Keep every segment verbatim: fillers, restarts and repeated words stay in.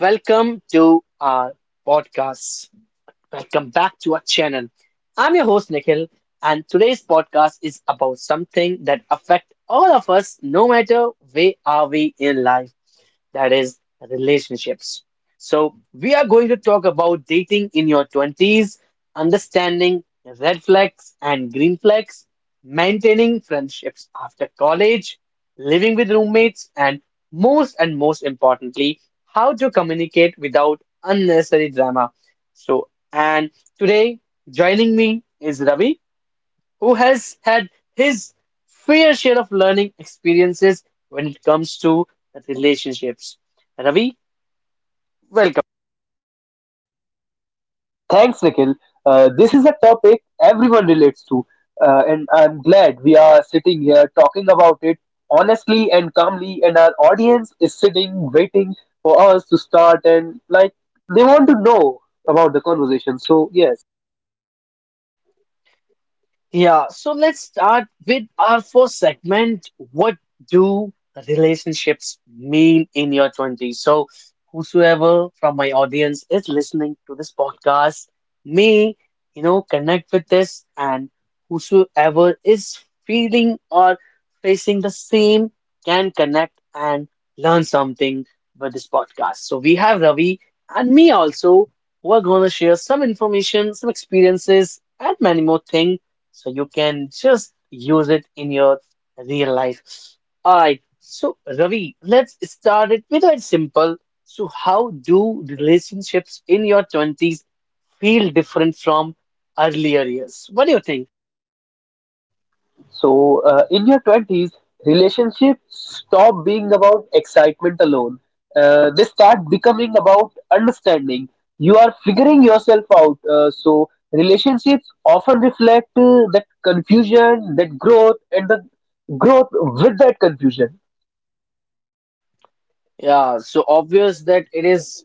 Welcome to our podcast. Welcome back to our channel. I'm your host Nikhil, and today's podcast is about something that affects all of us, no matter where are we in life, that is relationships. So, we are going to talk about dating in your twenties, understanding red flags and green flags, maintaining friendships after college, living with roommates, and most and most importantly, how to communicate without unnecessary drama. So, and Today joining me is Ravi who has had his fair share of learning experiences when it comes to relationships. Ravi, welcome. Thanks, Nikhil. Uh, this is a topic everyone relates to, uh, and I'm glad we are sitting here talking about it honestly and calmly. And our audience is sitting, waiting for us to start, and like they want to know about the conversation. So, yeah, Yeah, so let's start with our first segment. What do relationships mean in your twenties? So, whosoever from my audience is listening to this podcast may, you know, connect with this, and whosoever is feeling or facing the same can connect and learn something with this podcast. So, we have Ravi and me also who are going to share some information, some experiences, and many more things so you can just use it in your real life. All right, so Ravi, let's start it with a simple. So, how do relationships in your twenties feel different from earlier years? What do you think? So, uh, in your twenties, relationships stop being about excitement alone. Uh, they start becoming about understanding. You are figuring yourself out. Uh, so, relationships often reflect uh, that confusion, that growth, and the growth with that confusion. Yeah, so obvious that it is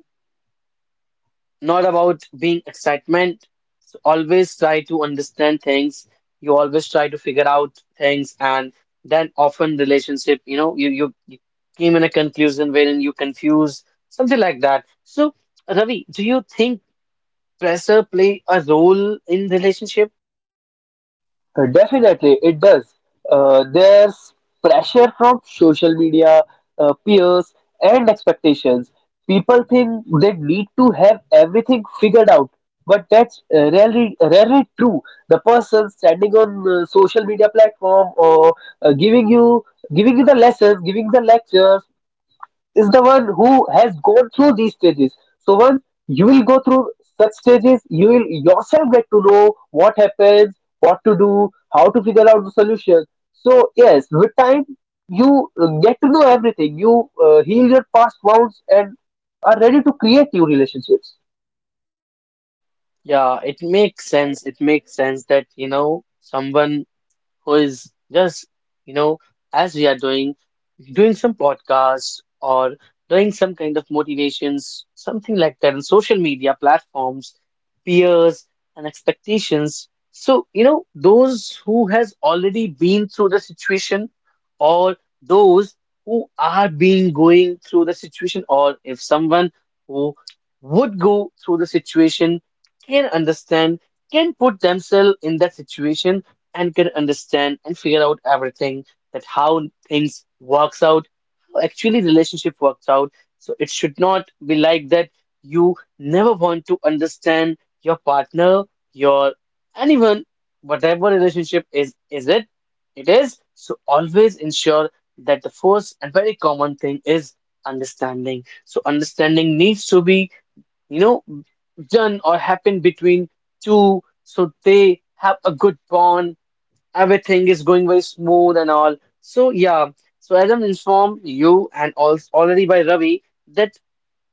not about being excitement. So always try to understand things. You always try to figure out things, and then often relationship, you know, you you, you came in a conclusion wherein you confuse something like that. So, Ravi, do you think pressure play a role in relationship? Uh, Definitely, it does. Uh, there's pressure from social media, uh, peers, and expectations. People think they need to have everything figured out, but that's uh, rarely rarely true. The person standing on uh, social media platform or uh, giving you giving you the lessons, giving the lectures, is the one who has gone through these stages. So once you will go through such stages, you will yourself get to know what happens, what to do, how to figure out the solution. So yes, with time you uh, get to know everything. You uh, heal your past wounds and are ready to create new relationships. Yeah, it makes sense. It makes sense that you know someone who is just, you know, as we are doing, doing some podcasts or doing some kind of motivations, something like that on social media platforms, peers and expectations. So, you know, those who has already been through the situation or those who are being going through the situation or if someone who would go through the situation can understand, can put themselves in that situation and can understand and figure out everything, that how things works out, how actually relationship works out. So it should not be like that you never want to understand your partner, your anyone, whatever relationship is is it it is. So always ensure that the first and very common thing is understanding. So understanding needs to be, you know, done or happen between two, so they have a good bond, everything is going very smooth and all. So yeah, so as I'm informed you and also already by Ravi that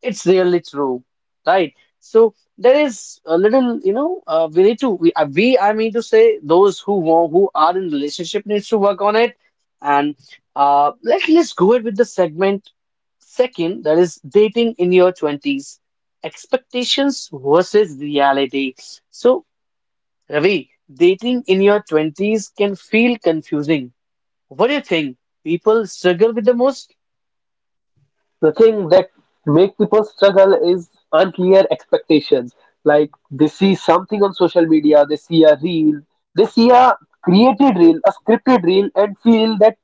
it's really true, right? So there is a little, you know, uh, we need to we, uh, we I mean to say those who wa- who are in relationship needs to work on it, and uh, let let's go ahead with the segment second, that is dating in your twenties, expectations versus reality. So Ravi, dating in your twenties can feel confusing. What do you think people struggle with the most? The thing that make people struggle is unclear expectations. Like they see something on social media, they see a reel, they see a created reel, a scripted reel, and feel that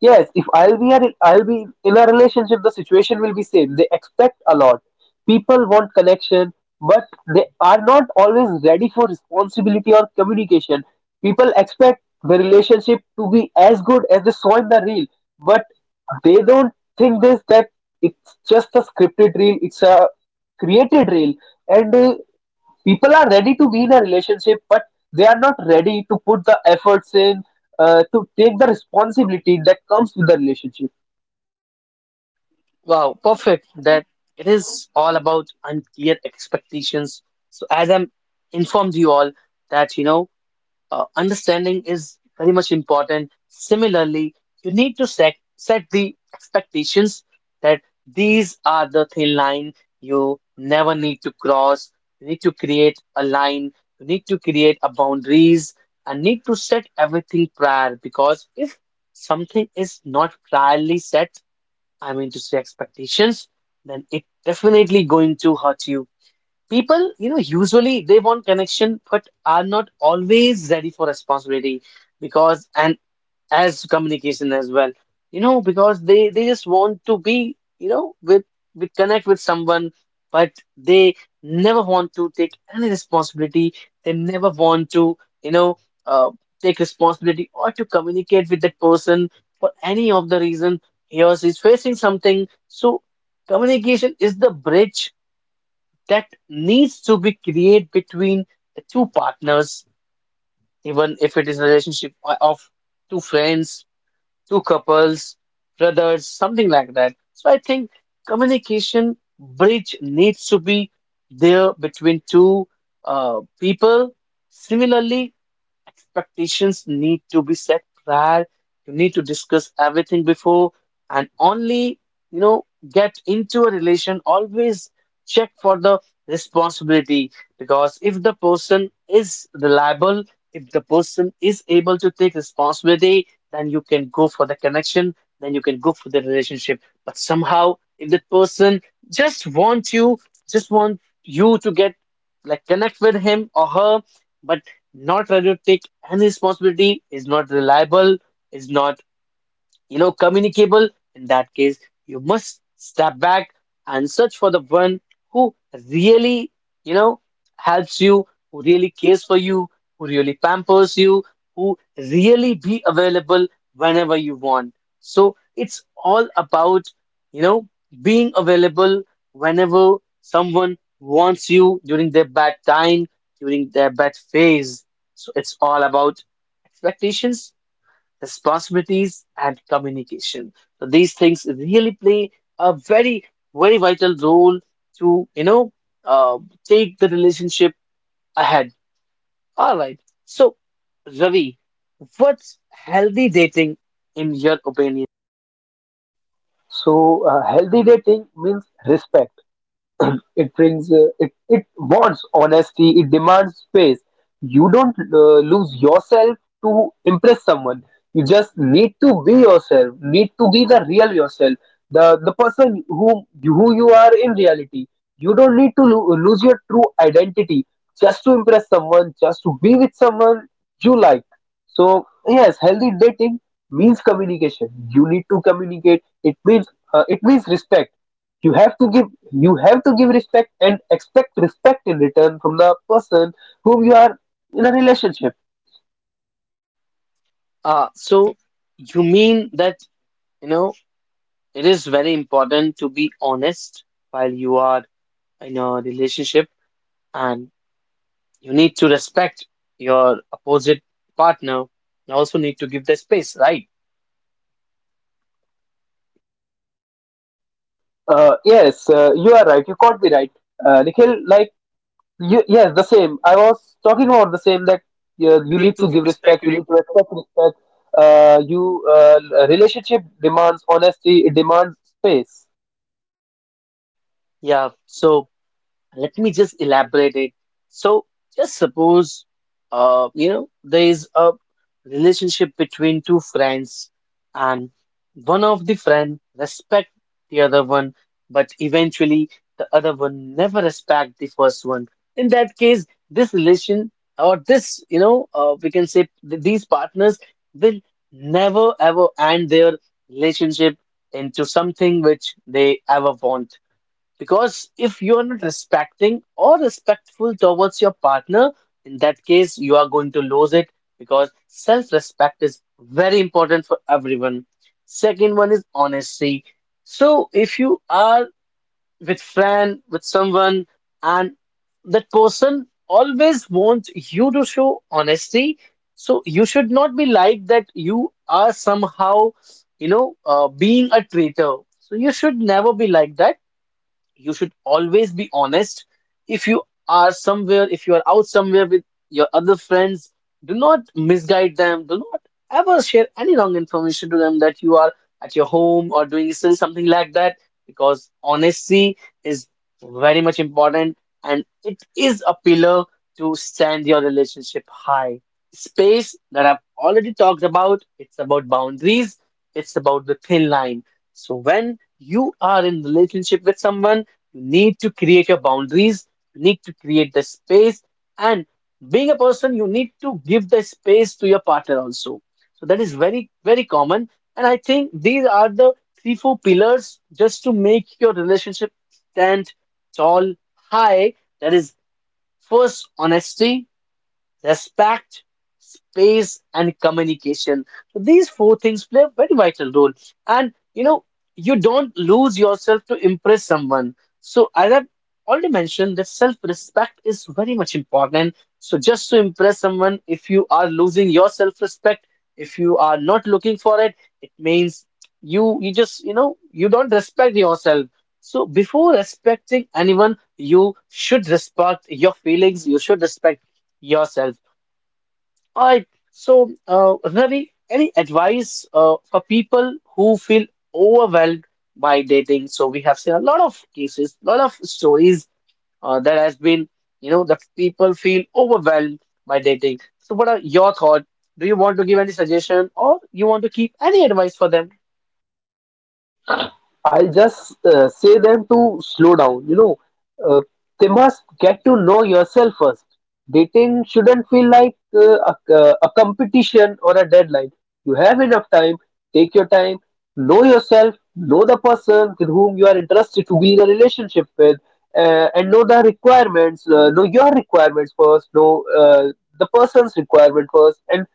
yes, if i'll be a, i'll be in a relationship the situation will be same. They expect a lot. People want connection, but they are not always ready for responsibility or communication. People expect the relationship to be as good as they saw in the reel, but they don't think this, that it's just a scripted reel, it's a created reel. And uh, people are ready to be in a relationship but they are not ready to put the efforts in, uh, to take the responsibility that comes with the relationship. Wow, perfect. That it is all about unclear expectations. So, as I'm informed you all that, you know, uh, understanding is very much important. Similarly, you need to set set the expectations, that these are the thin line you never need to cross. You need to create a line. You need to create a boundaries and need to set everything prior, because if something is not priorly set, I mean to say expectations, then it definitely going to hurt you. People, you know, usually they want connection, but are not always ready for responsibility because, and as communication as well, you know, because they they just want to be, you know, with with connect with someone, but they never want to take any responsibility. They never want to, you know, uh, take responsibility or to communicate with that person for any of the reason he or she is facing something. So communication is the bridge that needs to be created between the two partners, even if it is a relationship o- of two friends, two couples, brothers, something like that. So I think communication bridge needs to be there between two uh, people. Similarly, expectations need to be set prior. You need to discuss everything before and only, you know, get into a relation. Always check for the responsibility, because if the person is reliable, if the person is able to take responsibility, then you can go for the connection, then you can go for the relationship. But somehow, if the person just wants you, just want you to get like connect with him or her, but not ready to take any responsibility, is not reliable, is not, you know, communicable, in that case you must step back and search for the one who really, you know, helps you, who really cares for you, who really pampers you, who really be available whenever you want. So it's all about, you know, being available whenever someone wants you during their bad time, during their bad phase. So it's all about expectations, responsibilities, and communication. So these things really play a very, very vital role to, you know, uh, take the relationship ahead. All right. So, Ravi, what's healthy dating in your opinion? So uh, healthy dating means respect. It brings uh, it it wants honesty, it demands space. You don't uh, lose yourself to impress someone. You just need to be yourself, need to be the real yourself, the the person who who you are in reality. You don't need to lo- lose your true identity just to impress someone, just to be with someone you like. So yes, healthy dating means communication. You need to communicate. It means uh, it means respect. You have to give you have to give respect and expect respect in return from the person whom you are in a relationship. Uh, so you mean that, you know, it is very important to be honest while you are in a relationship, and you need to respect your opposite partner. You also need to give the space, right? Uh, yes, uh, you are right. You caught me right, uh, Nikhil. Like you, yes, the same. I was talking about the same that But uh, you you need need to to give give respect. respect. You You need. need to expect respect. Uh, you uh, Relationship demands honesty. It demands space. Yeah. So let me just elaborate it. So, just suppose, uh, you know, there is a relationship between two friends, and one of the friend respect the other one, but eventually the other one never respect the first one. In that case, this relation or this, you know, uh, we can say th- these partners will never ever end their relationship into something which they ever want. Because if you are not respecting or respectful towards your partner, in that case, you are going to lose it, because self respect is very important for everyone. Second one is honesty. So if you are with friend, with someone, and that person always wants you to show honesty, so you should not be like that you are somehow, you know, uh, being a traitor. So you should never be like that, you should always be honest. If you are somewhere, if you are out somewhere with your other friends, do not misguide them, do not ever share any wrong information to them that you are at your home or doing still something like that, because honesty is very much important and it is a pillar to stand your relationship high. Space, that I've already talked about, it's about boundaries, it's about the thin line. So when you are in relationship with someone, you need to create your boundaries, you need to create the space, and being a person, you need to give the space to your partner also. So that is very, very common. And I think these are the three, four pillars just to make your relationship stand tall, high. That is first honesty, respect, space, and communication. So these four things play a very vital role. And you know, you don't lose yourself to impress someone. So as I've already mentioned, that self-respect is very much important. So just to impress someone, if you are losing your self-respect, if you are not looking for it, it means you you just, you know, you don't respect yourself. So before respecting anyone, you should respect your feelings, you should respect yourself. All right. So, uh, Ravi, any advice uh, for people who feel overwhelmed by dating? So we have seen a lot of cases, a lot of stories uh, that has been, you know, that people feel overwhelmed by dating. So what are your thoughts? Do you want to give any suggestion or you want to keep any advice for them? I'll just uh, say them to slow down. You know, uh, they must get to know yourself first. Dating shouldn't feel like uh, a, uh, a competition or a deadline. You have enough time. Take your time. Know yourself. Know the person with whom you are interested to be in a relationship with, uh, and know the requirements. Uh, know your requirements first. Know uh, the person's requirement first, and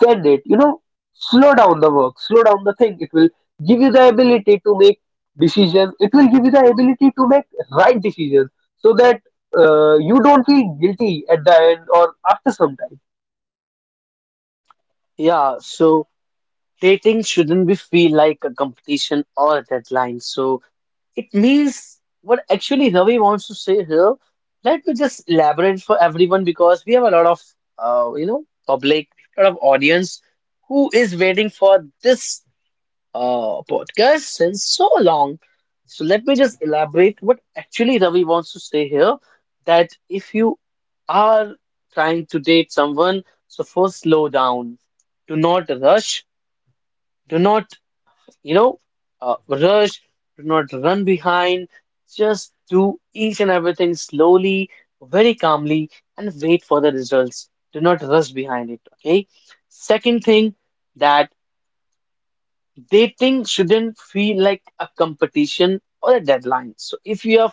then date. You know, slow down the work. Slow down the thing. It will give you the ability to make Decisions. It will give you the ability to make right decisions so that uh, you don't feel guilty at the end or after some time. Yeah, so dating shouldn't be feel like a competition or a deadline. So it means what actually Ravi wants to say here. Let me just elaborate for everyone because we have a lot of, uh, you know, public, a lot of audience who is waiting for this uh, podcast since so long. So let me just elaborate what actually Ravi wants to say here. That if you are trying to date someone, so first slow down. Do not rush. Do not, you know, uh, rush, do not run behind, just do each and everything slowly, very calmly, and wait for the results. Do not rush behind it, okay? Second thing, that dating shouldn't feel like a competition or a deadline. So if you are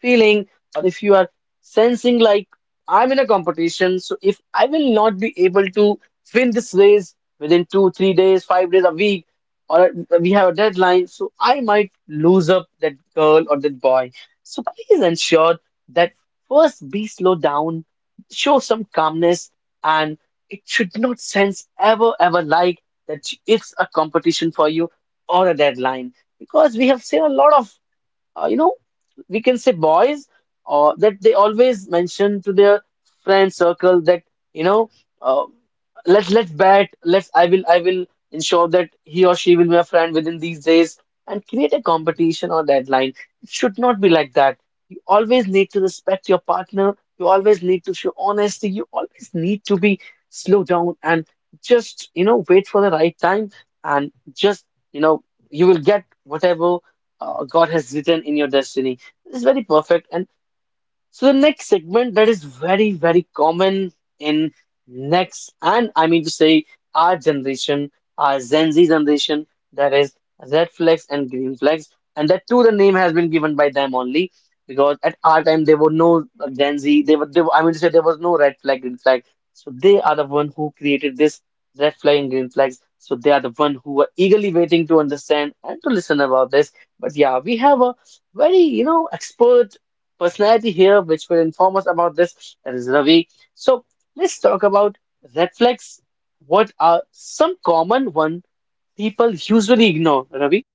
feeling, or if you are sensing like, I'm in a competition. So if I will not be able to win this race within two three days, five days, a week, or we have a deadline, so I might lose up that girl or that boy. So please ensure that first be slow down, show some calmness, and it should not sense ever ever like that it's a competition for you or a deadline. Because we have seen a lot of uh, you know, we can say boys, uh, that they always mention to their friend circle that you know, uh, let's let's bet, let's I will I will ensure that he or she will be a friend within these days and create a competition or deadline. It should not be like that. You always need to respect your partner. You always need to show honesty. You always need to be slow down and just you know wait for the right time, and just you know you will get whatever uh, God has written in your destiny. It's very perfect. And so the next segment that is very, very common in next, and I mean to say our generation, our Gen Z generation, that is red flags and green flags, and that too the name has been given by them only, because at our time there were no Gen Z. they were, they were I mean to say there was no red flag, green flag. So they are the one who created this red flag and green flags. So they are the one who are eagerly waiting to understand and to listen about this. But yeah, we have a very, you know, expert personality here, which will inform us about this. That is Ravi. So let's talk about red flags. What are some common one people usually ignore, Ravi?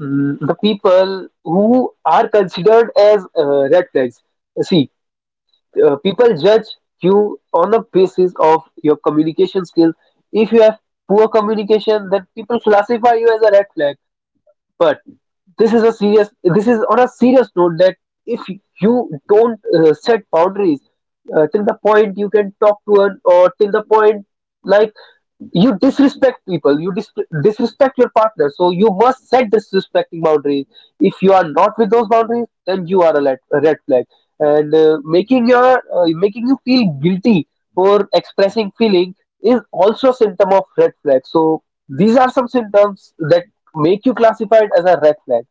Mm, the people who are considered as uh, red flags, see, uh, people judge you on the basis of your communication skills. If you have poor communication, then people classify you as a red flag. But this is a serious. This is on a serious note that if you don't uh, set boundaries uh, till the point you can talk to her, or till the point, like, you disrespect people, you dis- disrespect your partner, so you must set disrespecting boundaries. If you are not with those boundaries then you are a, let- a red flag. And uh, making your uh, making you feel guilty for expressing feeling is also a symptom of red flag. So these are some symptoms that make you classified as a red flag.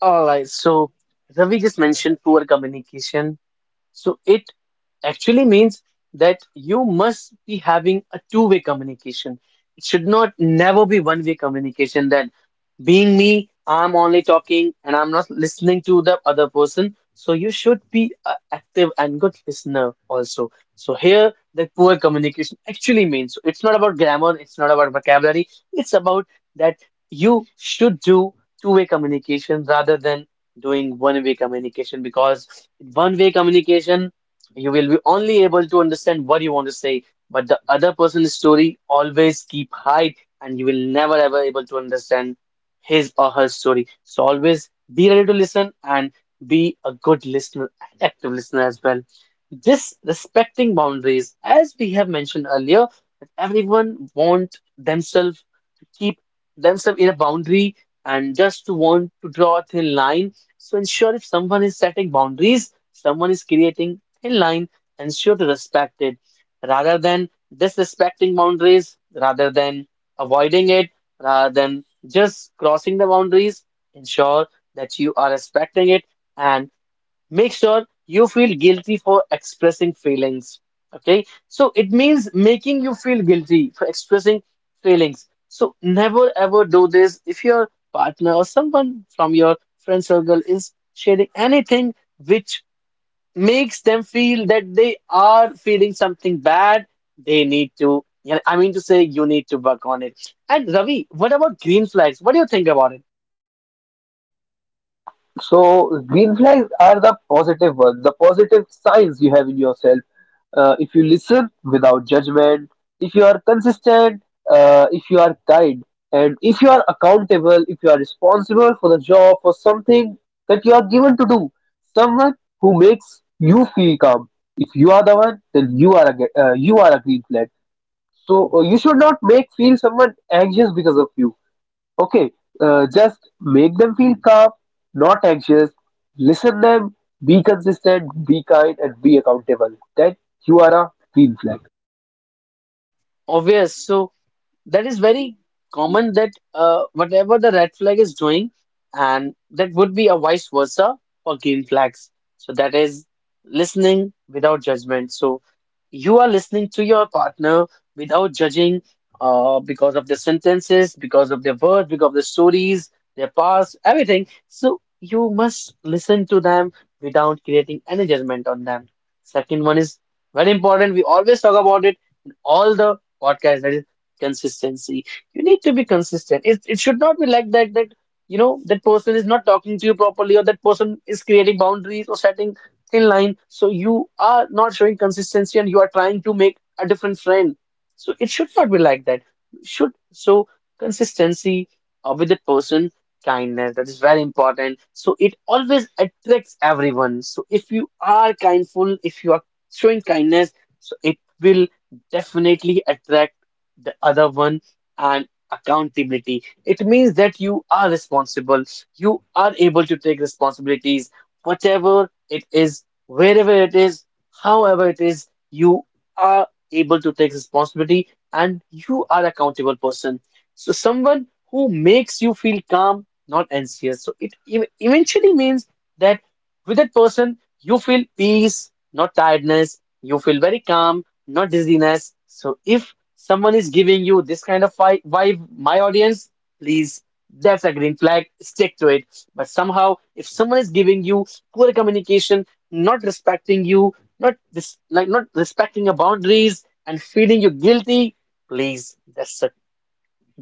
All right. So Ravi just mentioned poor communication. So it actually means that you must be having a two-way communication. It should not never be one-way communication, that being me, I'm only talking and I'm not listening to the other person. So you should be a active and good listener also. So here the poor communication actually means, so it's not about grammar, it's not about vocabulary, it's about that you should do two-way communication rather than doing one-way communication, because in one-way communication, you will be only able to understand what you want to say, but the other person's story always keep hide, and you will never ever able to understand his or her story. So always be ready to listen and be a good listener, and active listener as well. Just respecting boundaries, as we have mentioned earlier, that everyone want themselves to keep themselves in a boundary and just to want to draw a thin line. So ensure if someone is setting boundaries, someone is creating thin line, ensure to respect it rather than disrespecting boundaries, rather than avoiding it, rather than just crossing the boundaries. Ensure that you are respecting it, and make sure you feel guilty for expressing feelings. Okay, so it means making you feel guilty for expressing feelings. So never ever do this. If your partner or someone from your friend circle is sharing anything which makes them feel that they are feeling something bad, they need to, yeah, I mean to say you need to work on it. And Ravi, what about green flags? What do you think about it? So green flags are the positive ones, the positive signs you have in yourself. Uh, if you listen without judgment, if you are consistent, uh, if you are kind, and if you are accountable, if you are responsible for the job, for something that you are given to do, someone who makes you feel calm. If you are the one, then you are a ge- uh, you are a green flag. So uh, you should not make feel someone anxious because of you. Okay, uh, just make them feel calm, not anxious. Listen them, be consistent, be kind, and be accountable, that you are a green flag. Obvious. So that is very common, that uh, whatever the red flag is doing, and that would be a vice versa for green flags. So that is listening without judgment. So you are listening to your partner without judging, uh, because of their sentences, because of their words, because of the stories, their past, everything. So you must listen to them without creating any judgment on them. Second one is very important. We always talk about it in all the podcasts. That is consistency. You need to be consistent. It, it should not be like that that you know that person is not talking to you properly, or that person is creating boundaries or setting thin line, so you are not showing consistency and you are trying to make a different friend. So it should not be like that. Should so consistency uh, with that person. Kindness, that is very important, so it always attracts everyone. So if you are kindful, if you are showing kindness, so it will definitely attract the other one. And accountability. It means that you are responsible. You are able to take responsibilities, whatever it is, wherever it is, however it is, you are able to take responsibility, and you are accountable person. So someone who makes you feel calm, not anxious. So it ev- eventually means that with that person, you feel peace, not tiredness. You feel very calm, not dizziness. So if someone is giving you this kind of vi- vibe, my audience, please, that's a green flag, stick to it. But somehow, if someone is giving you poor communication, not respecting you, not this, like not respecting your boundaries and feeling you guilty, please, that's a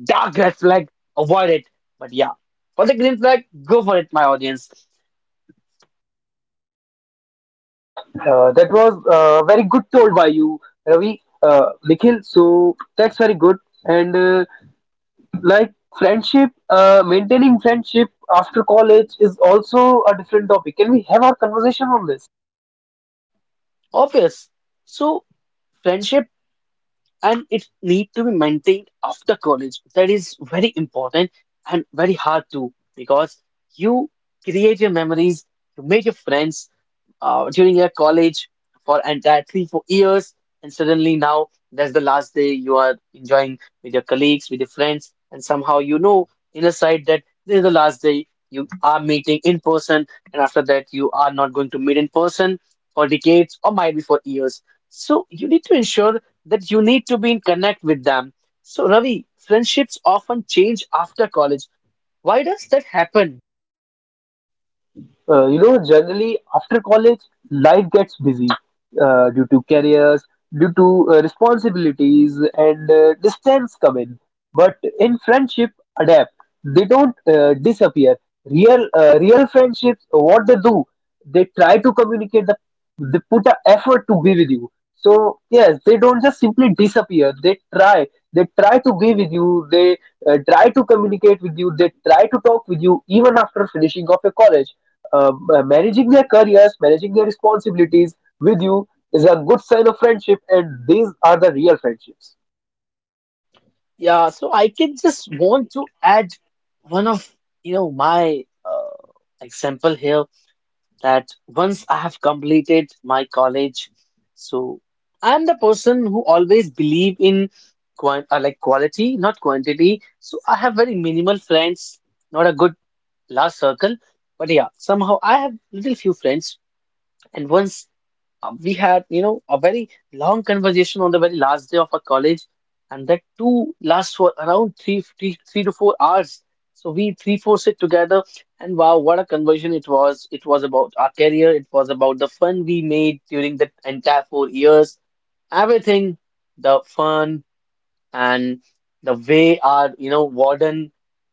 dark red flag. Avoid it. But yeah, for the green flag, go for it, my audience. Uh, that was uh, very good told by you, Ravi, uh, Nikhil. So that's very good. And uh, like, friendship, uh, maintaining friendship after college is also a different topic. Can we have our conversation on this? Obvious. So friendship, and it need to be maintained after college, that is very important and very hard too, because you create your memories, you make your friends uh, during your college for entire three four years, and suddenly now that's the last day you are enjoying with your colleagues, with your friends, and somehow you know in a side that this is the last day you are meeting in person, and after that you are not going to meet in person for decades or might be for years. So you need to ensure that you need to be in connect with them. So Ravi, friendships often change after college. Why does that happen? Uh, you know, generally after college, life gets busy uh, due to careers, due to uh, responsibilities, and uh, distance come in. But in friendship, adapt. They don't uh, disappear. Real, uh, real friendships, what they do, they try to communicate. The, they put an effort to be with you. So yes, they don't just simply disappear. They try. They try to be with you. They uh, try to communicate with you. They try to talk with you even after finishing off your college, uh, uh, managing their careers, managing their responsibilities with you is a good sign of friendship, and these are the real friendships. Yeah, so I can just want to add one of you know my uh, example here, that once I have completed my college, so I'm the person who always believe in quant uh, like quality, not quantity. So I have very minimal friends, not a good large circle, but yeah, somehow I have little few friends. And once Uh, we had, you know, a very long conversation on the very last day of our college, and that too lasts for around three, three, three to four hours. So we three four sit together, and wow, what a conversation it was! It was about our career, it was about the fun we made during the entire four years, everything, the fun and the way our you know warden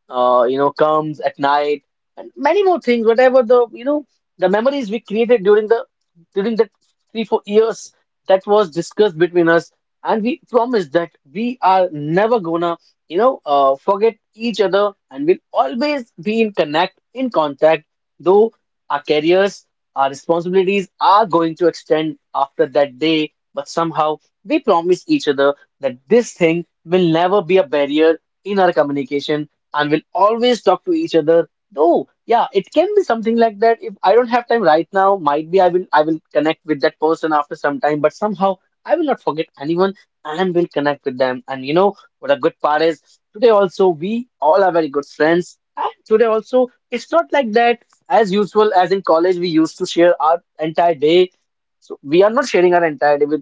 uh, you know comes at night, and many more things whatever the you know the memories we created during the during the three four years, that was discussed between us. And we promised that we are never gonna you know uh, forget each other, and we'll always be in connect, in contact, though our careers, our responsibilities are going to extend after that day, but somehow we promise each other that this thing will never be a barrier in our communication, and will always talk to each other. Though yeah, it can be something like that, if I don't have time right now, might be i will i will connect with that person after some time, but somehow I will not forget anyone, and will connect with them. And you know what a good part is, today also we all are very good friends, and today also it's not like that. As usual as in college we used to share our entire day, so we are not sharing our entire day with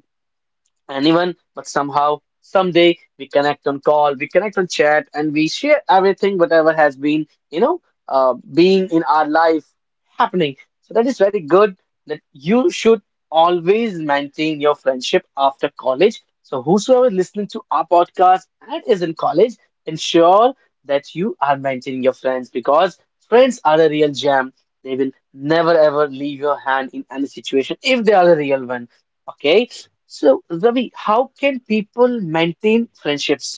anyone, but somehow, someday we connect on call, we connect on chat, and we share everything, whatever has been, you know, uh, being in our life happening. So that is very good that you should always maintain your friendship after college. So whosoever is listening to our podcast and is in college, ensure that you are maintaining your friends, because friends are a real gem. They will never ever leave your hand in any situation if they are a real one. Okay, so Ravi, how can people maintain friendships?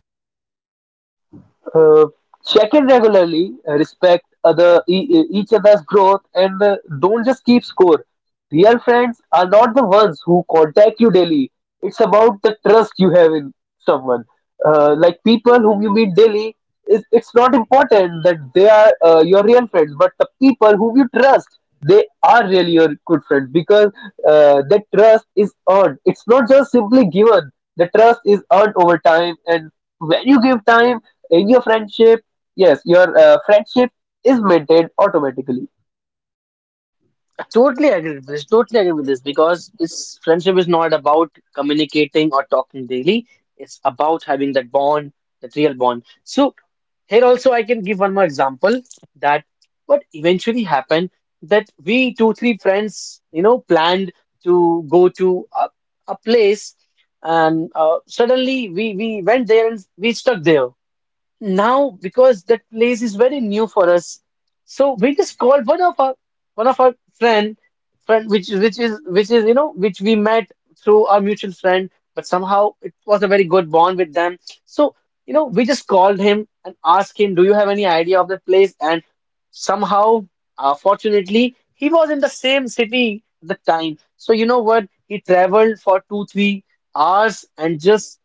Uh, Check in regularly, uh, respect other e- e- each other's growth, and uh, don't just keep score. Real friends are not the ones who contact you daily. It's about the trust you have in someone. Uh, like people whom you meet daily, is it's not important that they are uh, your real friends, but the people whom you trust, they are really your good friends because uh, that trust is earned. It's not just simply given. The trust is earned over time, and when you give time in your friendship, yes, your uh, friendship is maintained automatically. Totally agree with this. Totally agree with this because this friendship is not about communicating or talking daily. It's about having that bond, that real bond. So here also I can give one more example, that what eventually happened, that we two three friends you know planned to go to a, a place, and uh, suddenly we we went there, and we stuck there. Now, because that place is very new for us, so we just called one of our one of our friend, friend which which is which is you know which we met through our mutual friend, but somehow it was a very good bond with them. So you know, we just called him and asked him, "Do you have any idea of that place?" And somehow, uh, fortunately, he was in the same city at the time. So you know what? He traveled for two three hours and just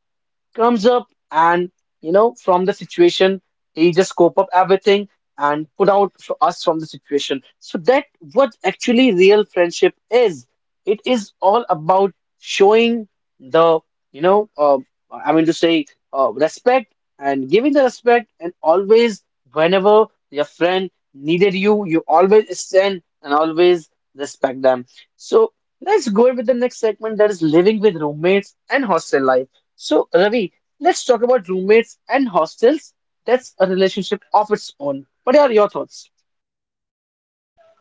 comes up and you know from the situation he just scope up everything and put out for us from the situation, so that what actually real friendship is. It is all about showing the you know uh, I mean to say uh, respect, and giving the respect, and always, whenever your friend needed you you always stand and always respect them. So let's go with the next segment, that is living with roommates and hostel life. So, Ravi, let's talk about roommates and hostels. That's a relationship of its own. What are your thoughts?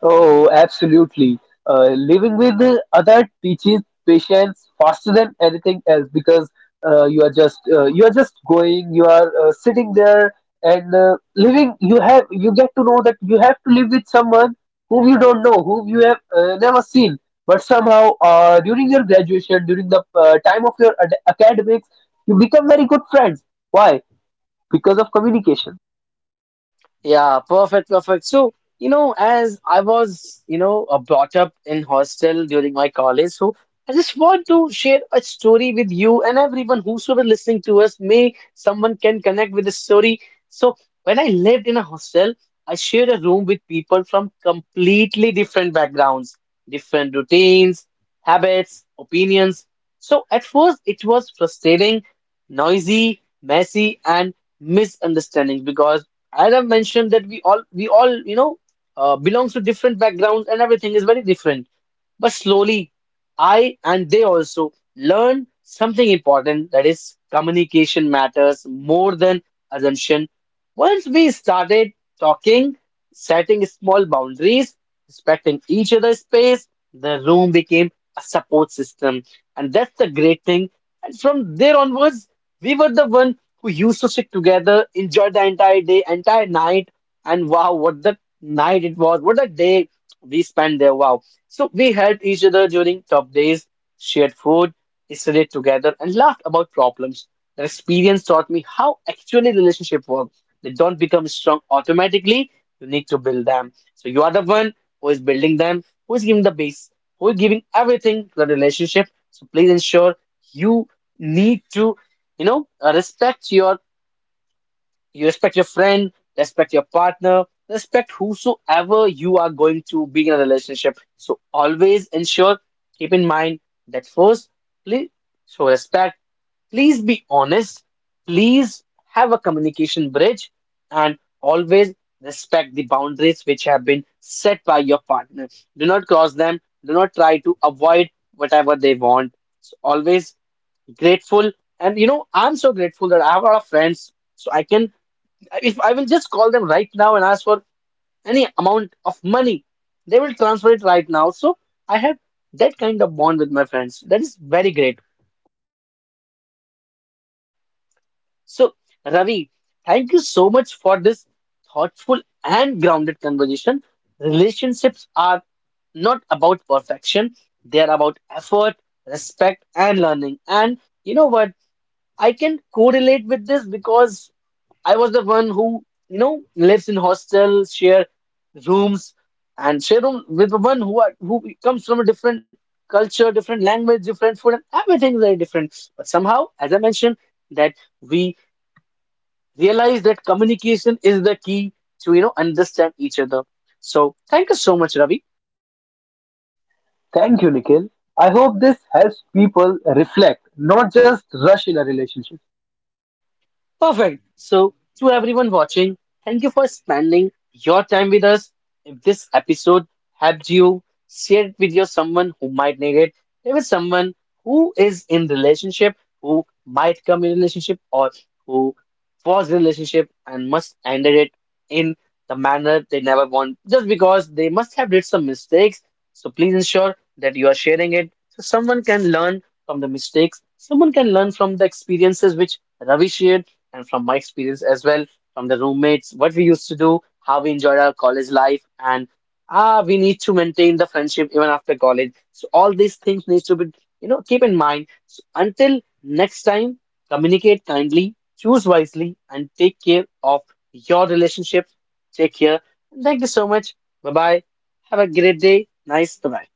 Oh, absolutely. Uh, living with the other teaches patience faster than anything else, because uh, you are just uh, you are just going, you are uh, sitting there and uh, living, you have you get to know that you have to live with someone whom you don't know, whom you have uh, never seen. But somehow uh, during your graduation, during the uh, time of your ad- academics, you become very good friends. Why? Because of communication. Yeah, perfect, perfect. So, you know, as I was, you know, uh, brought up in hostel during my college, so I just want to share a story with you and everyone whosoever listening to us. May someone can connect with the story. So, when I lived in a hostel, I shared a room with people from completely different backgrounds, different routines, habits, opinions. So, at first, it was frustrating, noisy, messy, and misunderstanding, because as I've mentioned that we all we all you know uh, belongs to different backgrounds and everything is very different. But slowly, I and they also learn something important, that is communication matters more than assumption. Once we started talking, setting small boundaries, respecting each other's space, the room became a support system, and that's the great thing. And from there onwards, we were the one who used to sit together, enjoy the entire day, entire night, and wow, what the night it was, what a day we spent there, wow. So we helped each other during tough days, shared food, studied together, and laughed about problems. That experience taught me how actually relationships work. They don't become strong automatically. You need to build them. So you are the one who is building them, who is giving the base, who is giving everything to the relationship. So please ensure you need to you know, uh, respect your you respect your friend, respect your partner, respect whosoever you are going to be in a relationship. So always ensure, keep in mind that first, please show respect, please be honest, please have a communication bridge, and always respect the boundaries which have been set by your partner. Do not cross them, do not try to avoid whatever they want. So always grateful, and you know I'm so grateful that I have a lot of friends, so I can, if I will just call them right now and ask for any amount of money, they will transfer it right now. So I have that kind of bond with my friends. That is very great. So, Ravi, thank you so much for this thoughtful and grounded conversation. Relationships are not about perfection, they are about effort, respect, and learning. And you know what? I can correlate with this because I was the one who, you know, lives in hostels, share rooms, and share room with the one who are, who comes from a different culture, different language, different food, and everything is very different. But somehow, as I mentioned, that we realize that communication is the key to, you know, understand each other. So thank you so much, Ravi. Thank you, Nikhil. I hope this helps people reflect, not just rush in a relationship. Perfect. So, to everyone watching, thank you for spending your time with us. If this episode helped you, share it with your someone who might need it. There is someone who is in relationship, who might come in relationship, or who was in relationship and must ended it in the manner they never want, just because they must have did some mistakes. So please ensure that you are sharing it so someone can learn from the mistakes. Someone can learn from the experiences which Ravi shared and from my experience as well, from the roommates, what we used to do, how we enjoyed our college life, and ah, we need to maintain the friendship even after college. So all these things needs to be, you know, keep in mind. So until next time, communicate kindly, choose wisely, and take care of your relationships. Take care. Thank you so much. Bye bye. Have a great day. Nice. Bye bye.